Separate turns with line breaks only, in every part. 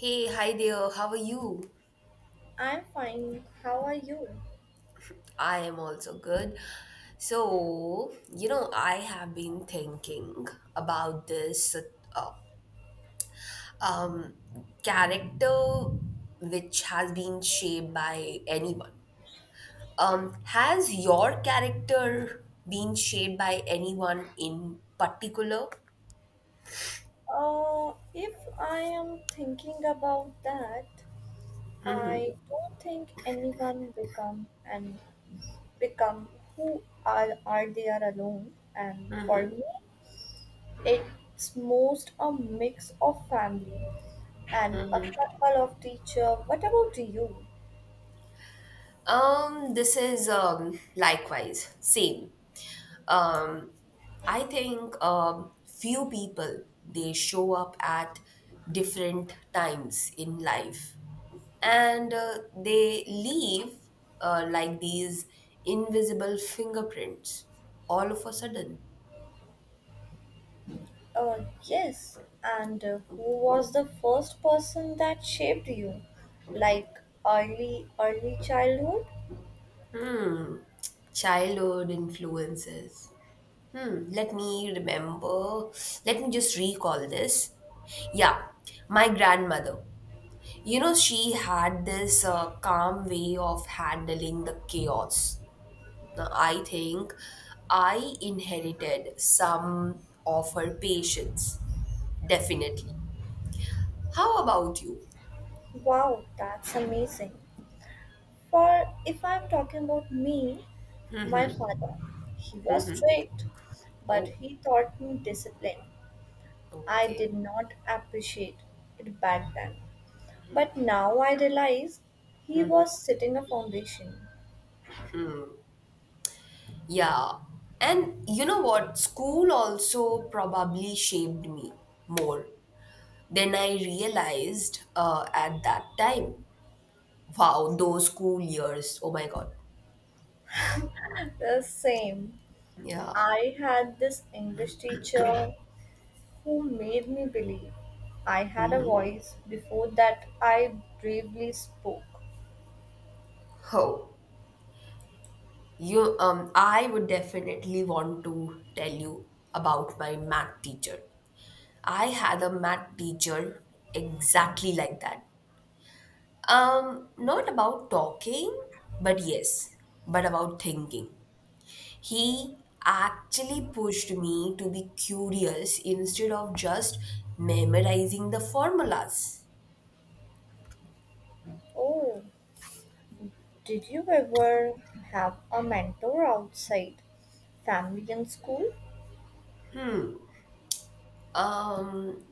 Hey, hi there. How are you?
I'm fine. How are you?
I am also good. I have been thinking about this uh, um, character which has been shaped by anyone. Has your character been shaped by anyone in particular?
If I am thinking about that, I don't think anyone become and become who are they are alone. And for me, it's most a mix of family and a couple of teacher. What about you?
This is likewise same. Um, I think few people they show up at different times in life, and they leave like these invisible fingerprints all of a sudden.
Uh, yes. And who was the first person that shaped you, like early childhood?
Childhood influences. Hmm. Let me remember. Let me just recall this. Yeah, my grandmother. You know, she had this calm way of handling the chaos. I think I inherited some of her patience, definitely. How about you?
Wow, that's amazing. For if I'm talking about me, my father, he was strict, but
Oh,
he taught me discipline. I
okay.
did not appreciate it back then. But now I realize he was setting a foundation.
Yeah. And you know what? School also probably shaped me more than I realized at that time. Wow, those school years. Oh my God.
The same.
Yeah.
I had this English teacher who made me believe I had a voice before that I bravely spoke.
Oh, I would definitely want to tell you about my math teacher. I had a math teacher exactly like that. Not about talking, but yes, but about thinking. He actually pushed me to be curious instead of just memorizing the formulas.
Oh, did you ever have a mentor outside family and school?
Um,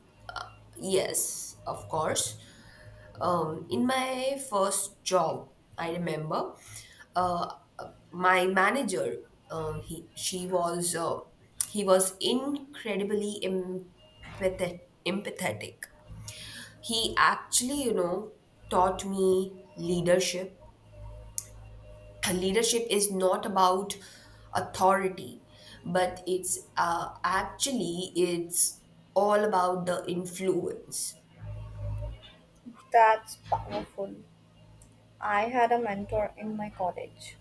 yes, of course. In my first job, I remember uh, my manager. Uh, he she was uh, he was incredibly empathetic. He actually, you know, taught me leadership. Leadership is not about authority, but it's all about the influence.
That's powerful. I had a mentor in my college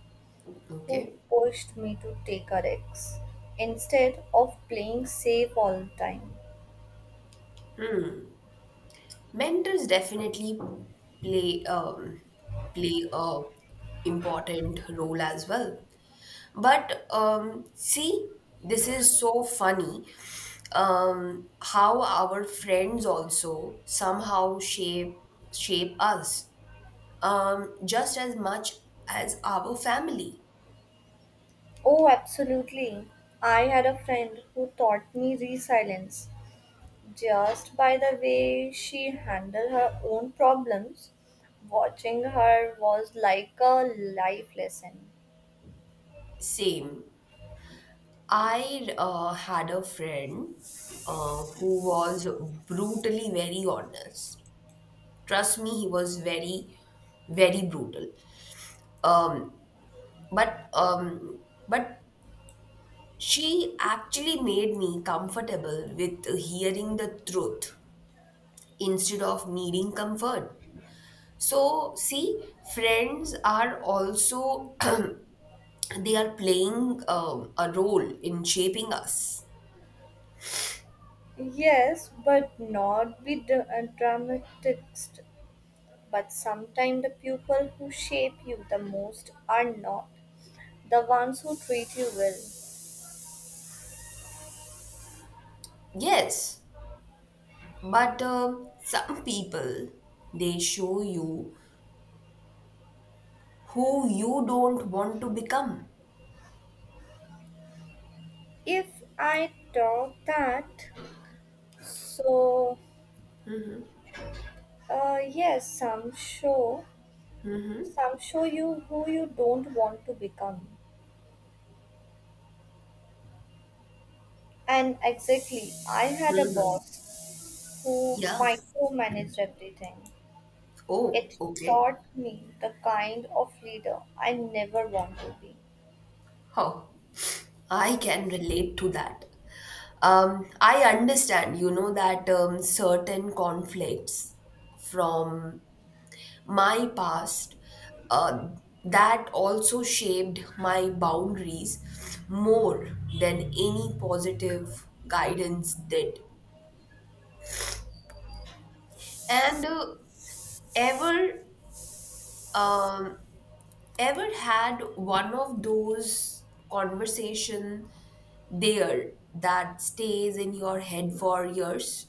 who
Okay.
pushed me to take a risk instead of playing safe all the time.
Mentors definitely play a important role as well. But see, this is so funny. How our friends also somehow shape us just as much as our family.
Oh, absolutely. I had a friend who taught me resilience just by the way she handled her own problems. Watching her was like a life lesson.
Same. I had a friend who was brutally very honest. Trust me, he was very, very brutal. Um, but um, but she actually made me comfortable with hearing the truth instead of needing comfort. So see, friends are also they are playing a role in shaping us.
Yes, but not be dramatist. But sometimes the people who shape you the most are not the ones who treat you well.
Yes, but some people they show you who you don't want to become.
If I thought that, so yes, some show you who you don't want to become. And exactly, I had a
Mhm.
boss who
Yeah.
micromanaged everything.
Oh,
It
okay.
taught me the kind of leader I never want to be.
Huh. I can relate to that. I understand, you know, that certain conflicts from my past uh, that also shaped my boundaries more than any positive guidance did. And ever, um, ever had one of those conversation there that stays in your head for years?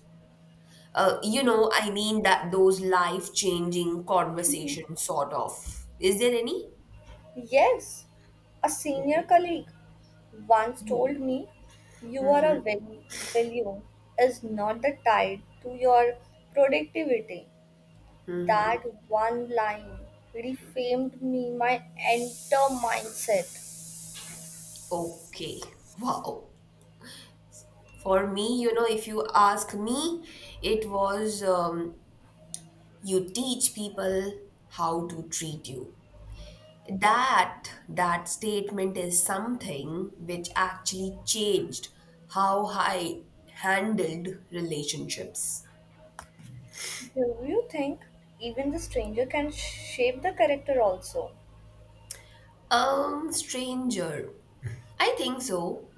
You
Ye-
know, I mean that those life-changing conversations, sort of. Is there any?
Yes, a senior
Okay.
colleague once told me you are a value is not the tied to your productivity. That one line reframed me my entire mindset.
Okay. Wow. For me, you know, if you ask me, it was you teach people how to treat you. That statement is something which actually changed how I handled relationships.
Do you think even the stranger can shape the character also?
Stranger. I think so.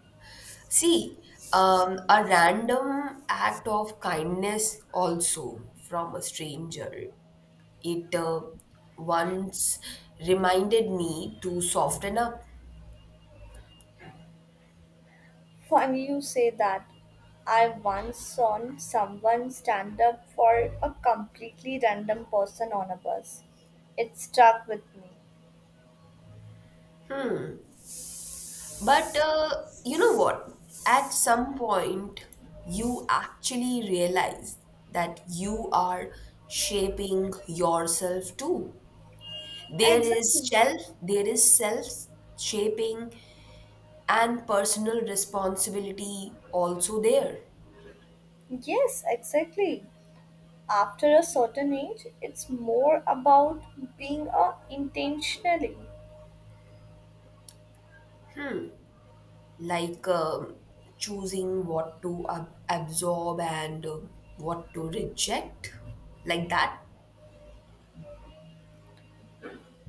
See, a random act of kindness also from a stranger. It once reminded me to soften up.
Funny you say that. I once saw someone stand up for a completely random person on a bus. It stuck with me.
But you know what? At some point, you actually realize that you are shaping yourself too. There is
Exactly.
self, there is self shaping and personal responsibility also there,
Yes, exactly. After a certain age, it's more about being a intentionally.
like choosing what to absorb and what to reject, like that.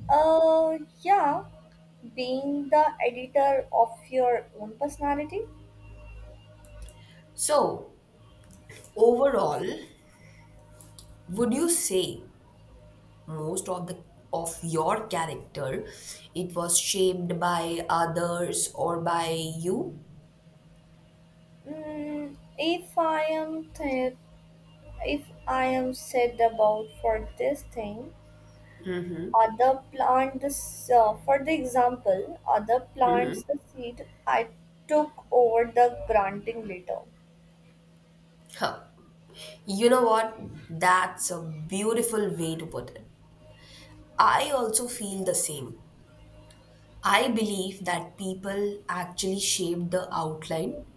Yeah, being the editor of your own personality.
So overall, would you say most of the of your character it was shaped by others or by you?
Mm, if I am th- if I am said about for this thing, other plant this for the example, other plants the seed I took over the granting later.
Huh. You know what? That's a beautiful way to put it. I also feel the same. I believe that people actually shaped the outline,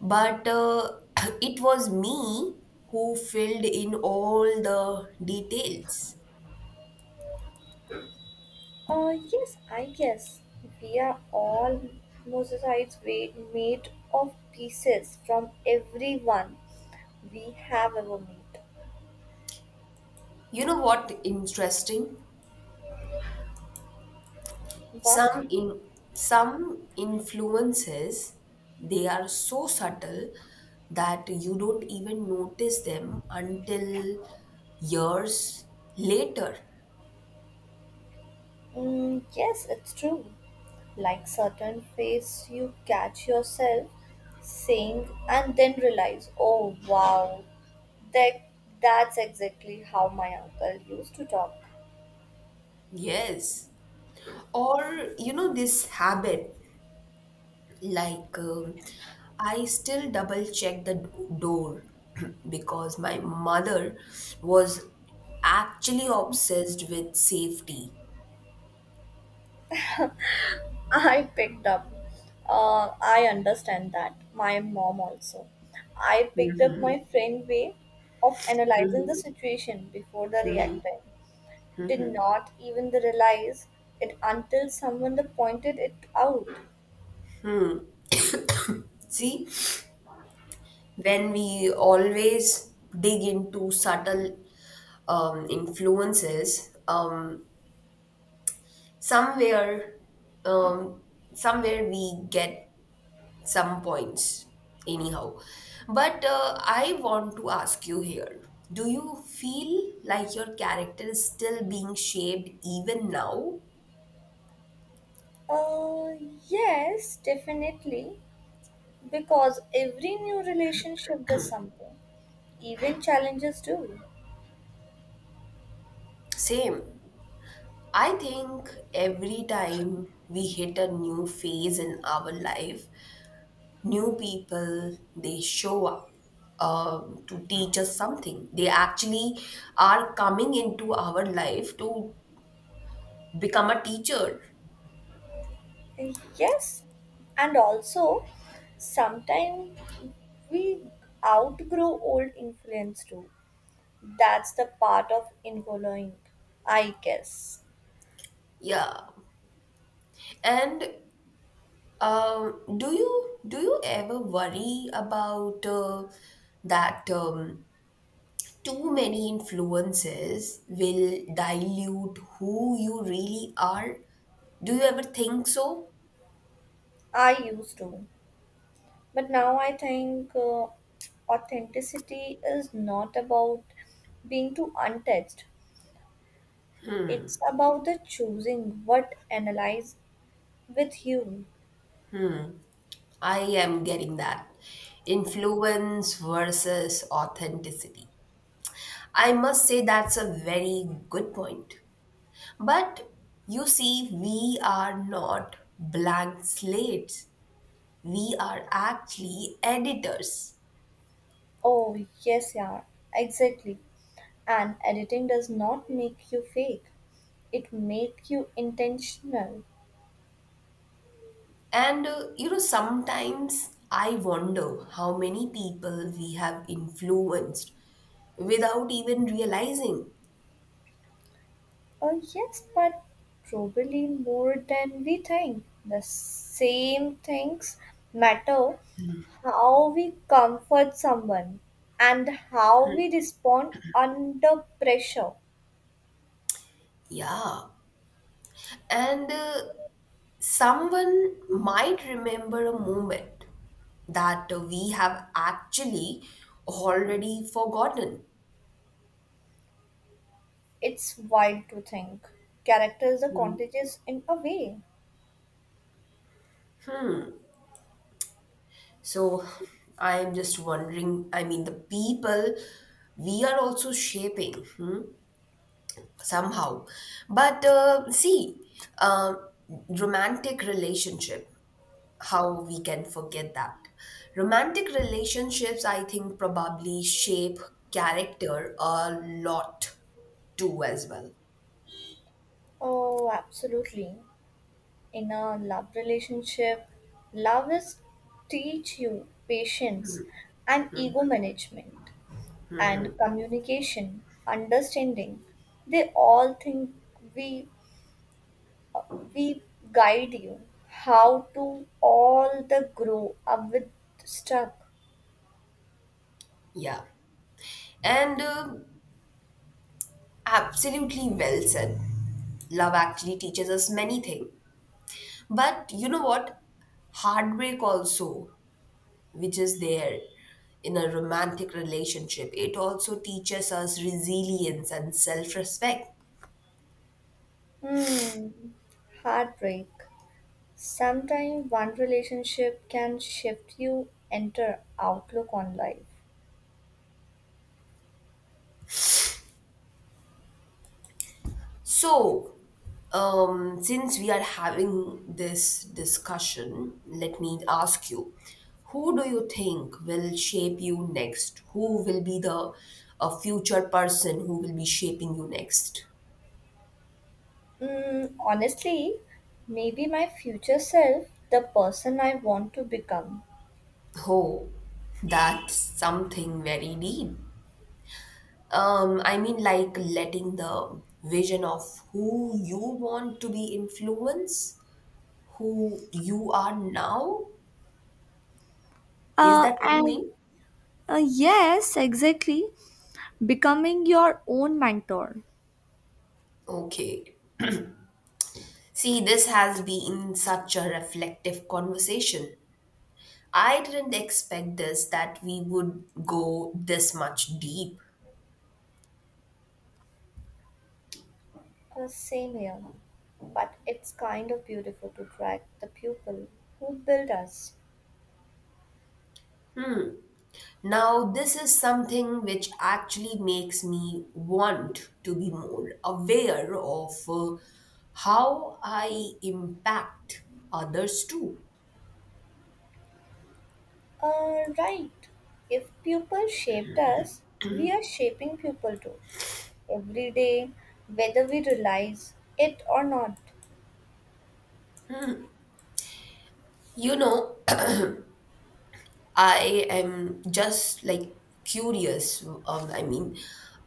but it was me who filled in all the details.
Yes, I guess we are all mosaics made of pieces from everyone we have ever met.
You know what interesting?
But
Some in some influences they are so subtle that you don't even notice them until years later.
yes, it's true. Like certain phrases you catch yourself saying and then realize, oh wow, that that's exactly how my uncle used to talk.
Yes. Or you know this habit. Like, I still double check the door because my mother was actually obsessed with safety.
I picked up. I understand that. My mom also. I picked up my friend way of analyzing the situation before the reacting. Did not even realize it until someone pointed it out.
See, when we always dig into subtle influences, somewhere, um, somewhere we get some points anyhow. But I want to ask you here, do you feel like your character is still being shaped even now?
Uh, yes, definitely. Because every new relationship does something, even challenges do.
Same. I think every time we hit a new phase in our life, new people they show up to teach us something. They actually are coming into our life to become a teacher.
Yes, and also sometimes we outgrow old influence too. That's the part of infollowing, I guess.
Yeah. And do you ever worry about that too many influences will dilute who you really are? Do you ever think so?
I used to. But now I think authenticity is not about being too untouched, it's about the choosing what analyze with you.
I am getting that. Influence versus authenticity. I must say that's a very good point. But you see, we are not blank slates. We are actually editors.
Oh, yes, yeah, exactly. And editing does not make you fake. It make you intentional.
And you know, sometimes I wonder how many people we have influenced without even realizing.
Oh, yes, but probably more than we think. The same things matter how we comfort someone and how we respond under pressure.
Yeah. And someone might remember a moment that we have actually already forgotten.
It's wild to think. Characters are
Mm.
contagious in a way.
So I am just wondering, I mean, the people we are also shaping. Hmm? Somehow. But see uh, romantic relationship, how we can forget that? Romantic relationships, I think, probably shape character a lot too as well.
Oh, absolutely. In a love relationship, love is teach you patience and ego management and communication, understanding. They all think we we guide you how to all the grow up with stuck.
Yeah. And absolutely well said, love actually teaches us many things. But you know what? Heartbreak also, which is there in a romantic relationship. It also teaches us resilience and self respect.
Hmm. Heartbreak. Sometimes one relationship can shift you enter outlook on life.
So, since we are having this discussion, let me ask you, who do you think will shape you next? Who will be the a future person who will be shaping you next?
Mm, honestly, maybe my future self, the person I want to become.
Oh, that's something very deep. I mean, like letting the vision of who you want to be influence who you are now. Is that what you
And
mean?
Yes, exactly. Becoming your own mentor.
Okay. See, this has been such a reflective conversation. I didn't expect this that we would go this much deep.
Same here, but it's kind of beautiful to track the pupil who built us.
Now, this is something which actually makes me want to be more aware of how I impact others too.
Right. If pupil shaped us, we are shaping pupil too. Every day, whether we realize it or not.
You know, I am just like curious. I mean,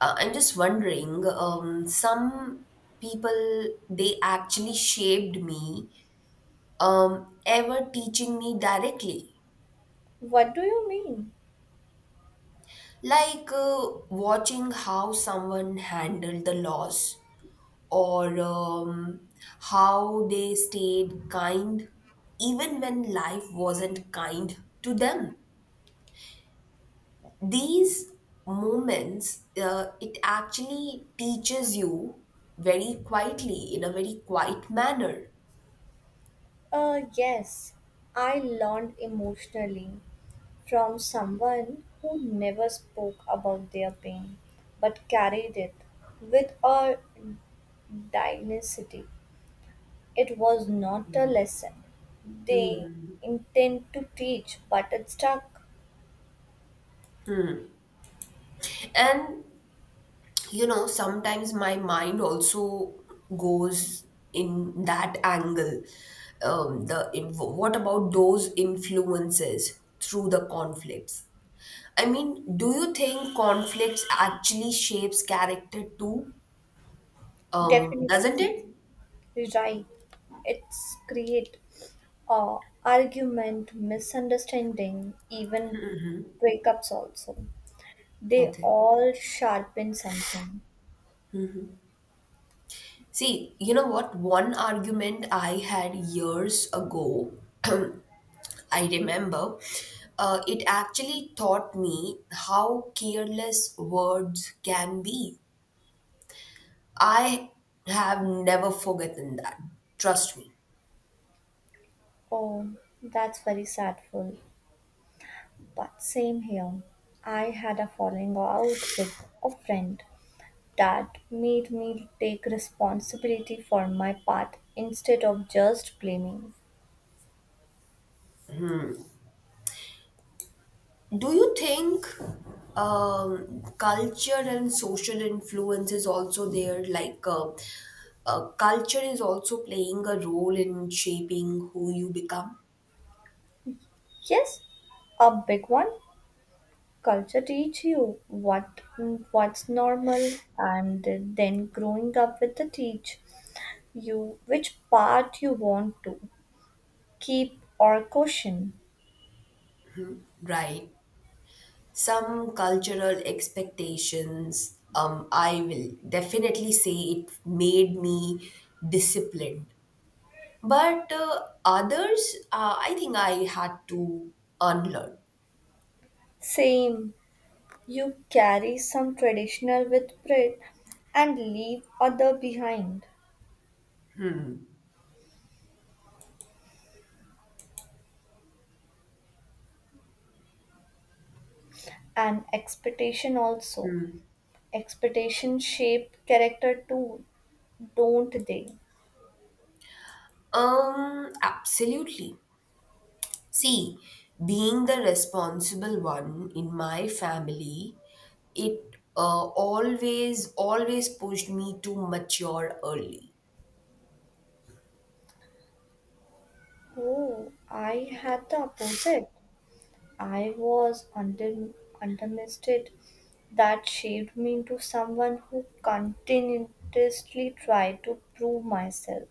I'm just wondering, some people, they actually shaped me, ever teaching me directly.
What do you mean?
Like watching how someone handled the loss or how they stayed kind even when life wasn't kind to them, these moments it actually teaches you very quietly in a very quiet manner.
Yes, I learned emotionally from someone who never spoke about their pain but carried it with a dignity. It was not a lesson they intend to teach, but it stuck.
And you know, sometimes my mind also goes in that angle. What about those influences through the conflicts? I mean, do you think conflicts actually shapes character too,
Definitely
doesn't it?
right. It's create uh, argument, misunderstanding, even breakups also. They
Okay.
all sharpen something.
See, you know what? One argument I had years ago I remember, it actually taught me how careless words can be. I have never forgotten that. Trust me.
Oh, that's very sadful. But same here. I had a falling out with a friend that made me take responsibility for my part instead of just blaming.
Do you think culture and social influence is also there? Like, culture is also playing a role in shaping who you become,
Yes, a big one. Culture teach you what's normal and then growing up with the teach you which part you want to keep or caution.
right? Some cultural expectations, I will definitely say it made me disciplined. But others I think I had to unlearn.
Same. You carry some traditional with pride and leave other behind. And expectation also. Expectation shape character too, don't they?
Absolutely. See, being the responsible one in my family, it always pushed me to mature early.
Oh, I had the opposite. I was underestimated. That shaped me into someone who continuously tried to prove myself.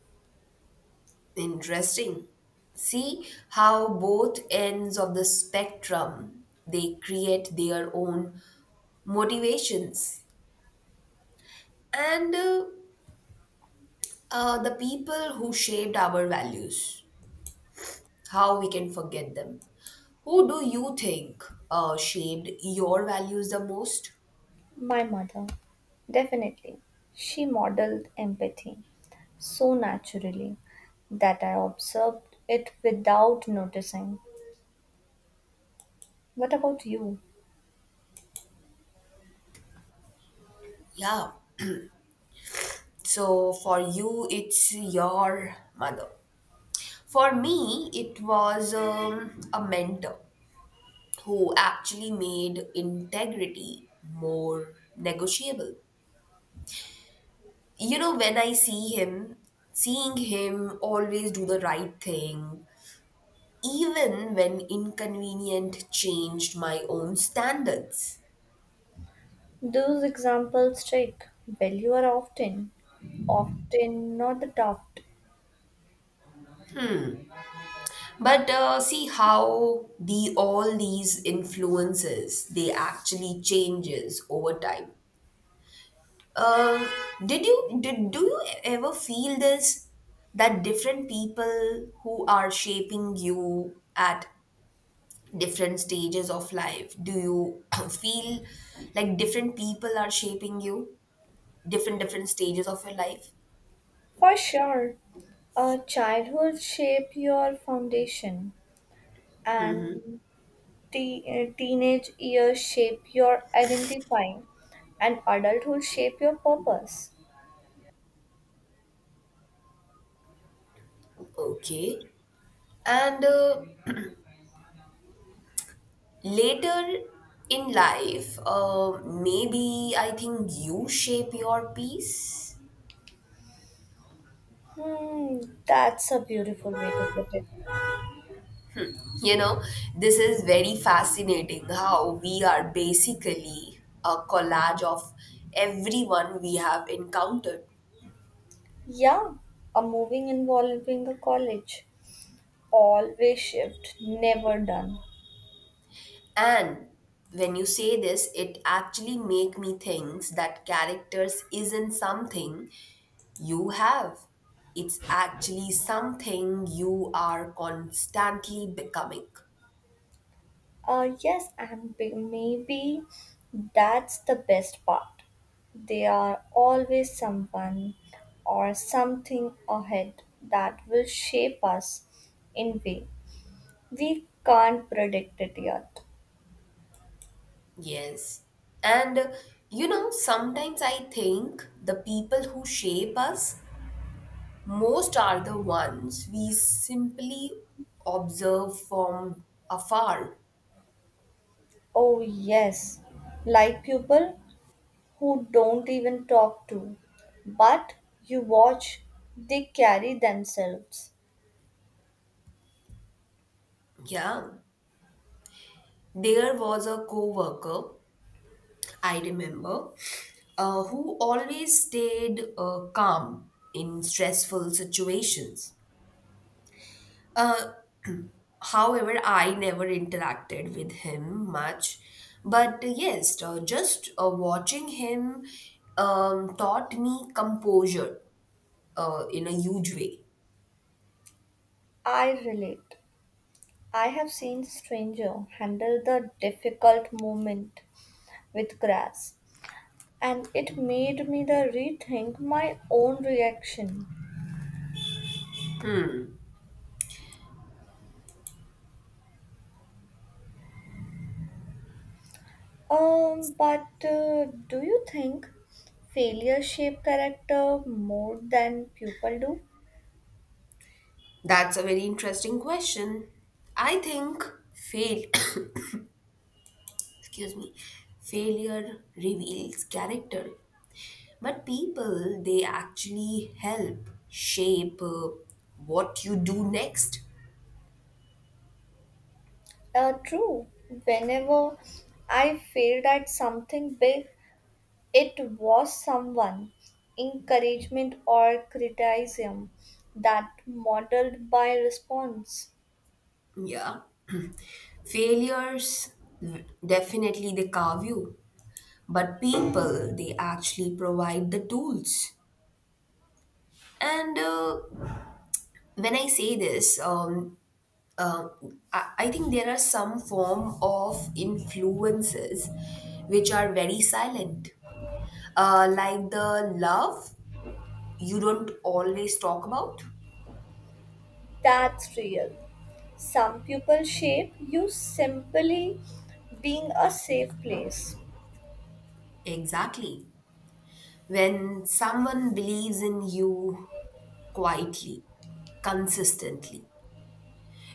Interesting. See how both ends of the spectrum they create their own motivations. And the people who shaped our values, how we can forget them? Who do you think shaped your values the most?
My mother, definitely. She modeled empathy so naturally that I observed it without noticing. What about you?
Yeah. So for you, it's your mother. For me, it was a mentor who actually made integrity more negotiable. You know, when I see him, seeing him always do the right thing, even when inconvenient, changed my own standards.
Those examples take value are often not the tough.
But see how the all these influences they actually changes over time. Um. Did you did Do you ever feel this, that different people who are shaping you at different stages of life? Do you feel like different people are shaping you different different stages of your life?
For sure, a childhood shape your foundation and te- teenage years shape your identify and adulthood shape your purpose.
Okay. And later in life maybe I think you shape your peace.
Hmm, that's a beautiful way to put it.
You know, this is very fascinating how we are basically a collage of everyone we have encountered.
Yeah, a moving involving a college. Always shift, never done.
And when you say this, it actually make me think that characters isn't something you have. It's actually something you are constantly becoming.
Yes, and maybe that's the best part. They are always someone or something ahead that will shape us in way we can't predict it yet.
Yes. And you know, sometimes I think the people who shape us most are the ones we simply observe from afar.
Oh yes, like people who don't even talk to, but you watch they carry themselves.
Yeah. There was a coworker, I remember, who always stayed calm in stressful situations. However, I never interacted with him much. But yes, just watching him taught me composure in a huge way.
I relate. I have seen stranger handle the difficult moment with grass, and it made me the rethink my own reaction.
Hmm.
But Do you think failure shape character more than people do?
That's a very interesting question. I think fail excuse me, failure reveals character, but people they actually help shape what you do next.
True. Whenever I failed at something big, it was someone, encouragement or criticism, that modeled by response.
Yeah. Failures definitely they carve you, but people they actually provide the tools. And when I say this, I think there are some form of influences which are very silent, like the love you don't always talk about.
That's real. Some people shape you simply being a safe place.
Exactly. When someone believes in you quietly, consistently,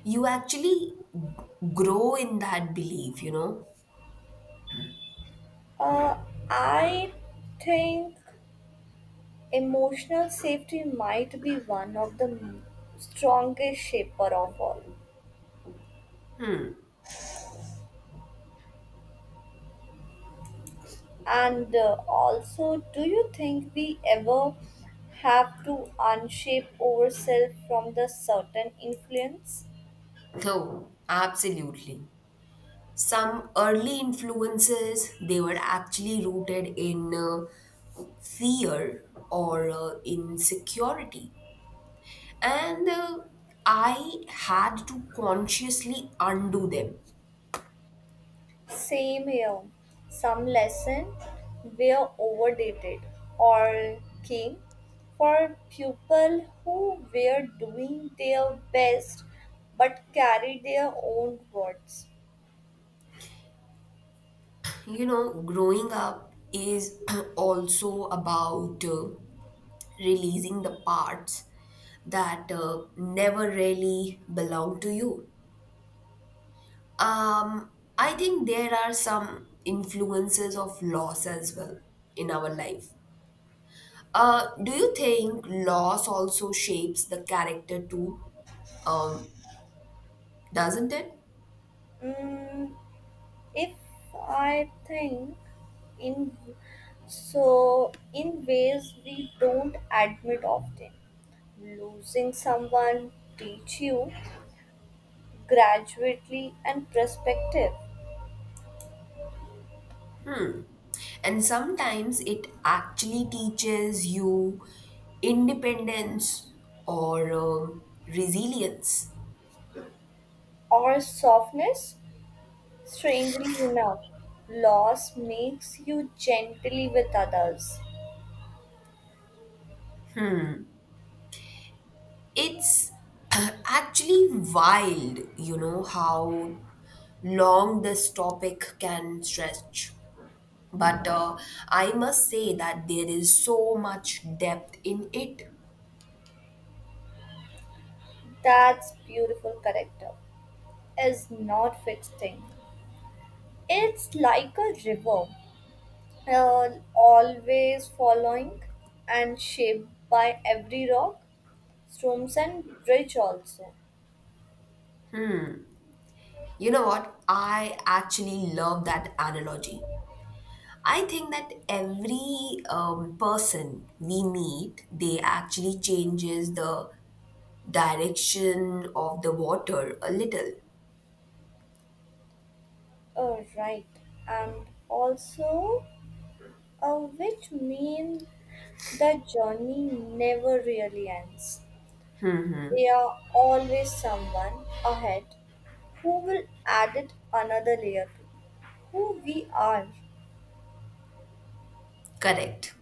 you actually grow in that belief, you know?
Uh, I think emotional safety might be one of the strongest shaper of all. And also, do you think we ever have to unshape ourselves from the certain influence?
No, absolutely. Some early influences, they were actually rooted in fear or insecurity. And I had to consciously undo them.
Same here. Some lesson were overdated or came for people who were doing their best but carried their own words.
You know, growing up is also about releasing the parts that never really belong to you. um I think there are some influences of loss as well in our life. Do you think loss also shapes the character too, um doesn't it?
Mm, if I think in So in ways we don't admit often. Losing someone teach you gradually and perspective
And sometimes it actually teaches you independence or resilience.
or softness strangely enough. Loss makes you gently with others.
It's actually wild, you know, how long this topic can stretch. But I must say that there is so much depth in it.
That's beautiful character is not fixed thing. It's like a river, always following and shaped by every rock, storms, and bridge also.
You know what? I actually love that analogy. I think that every person we meet, they actually changes the direction of the water a little.
Oh, right. And also, which mean the journey never really ends. There are always someone ahead who will add it another layer to who we are.
Correct.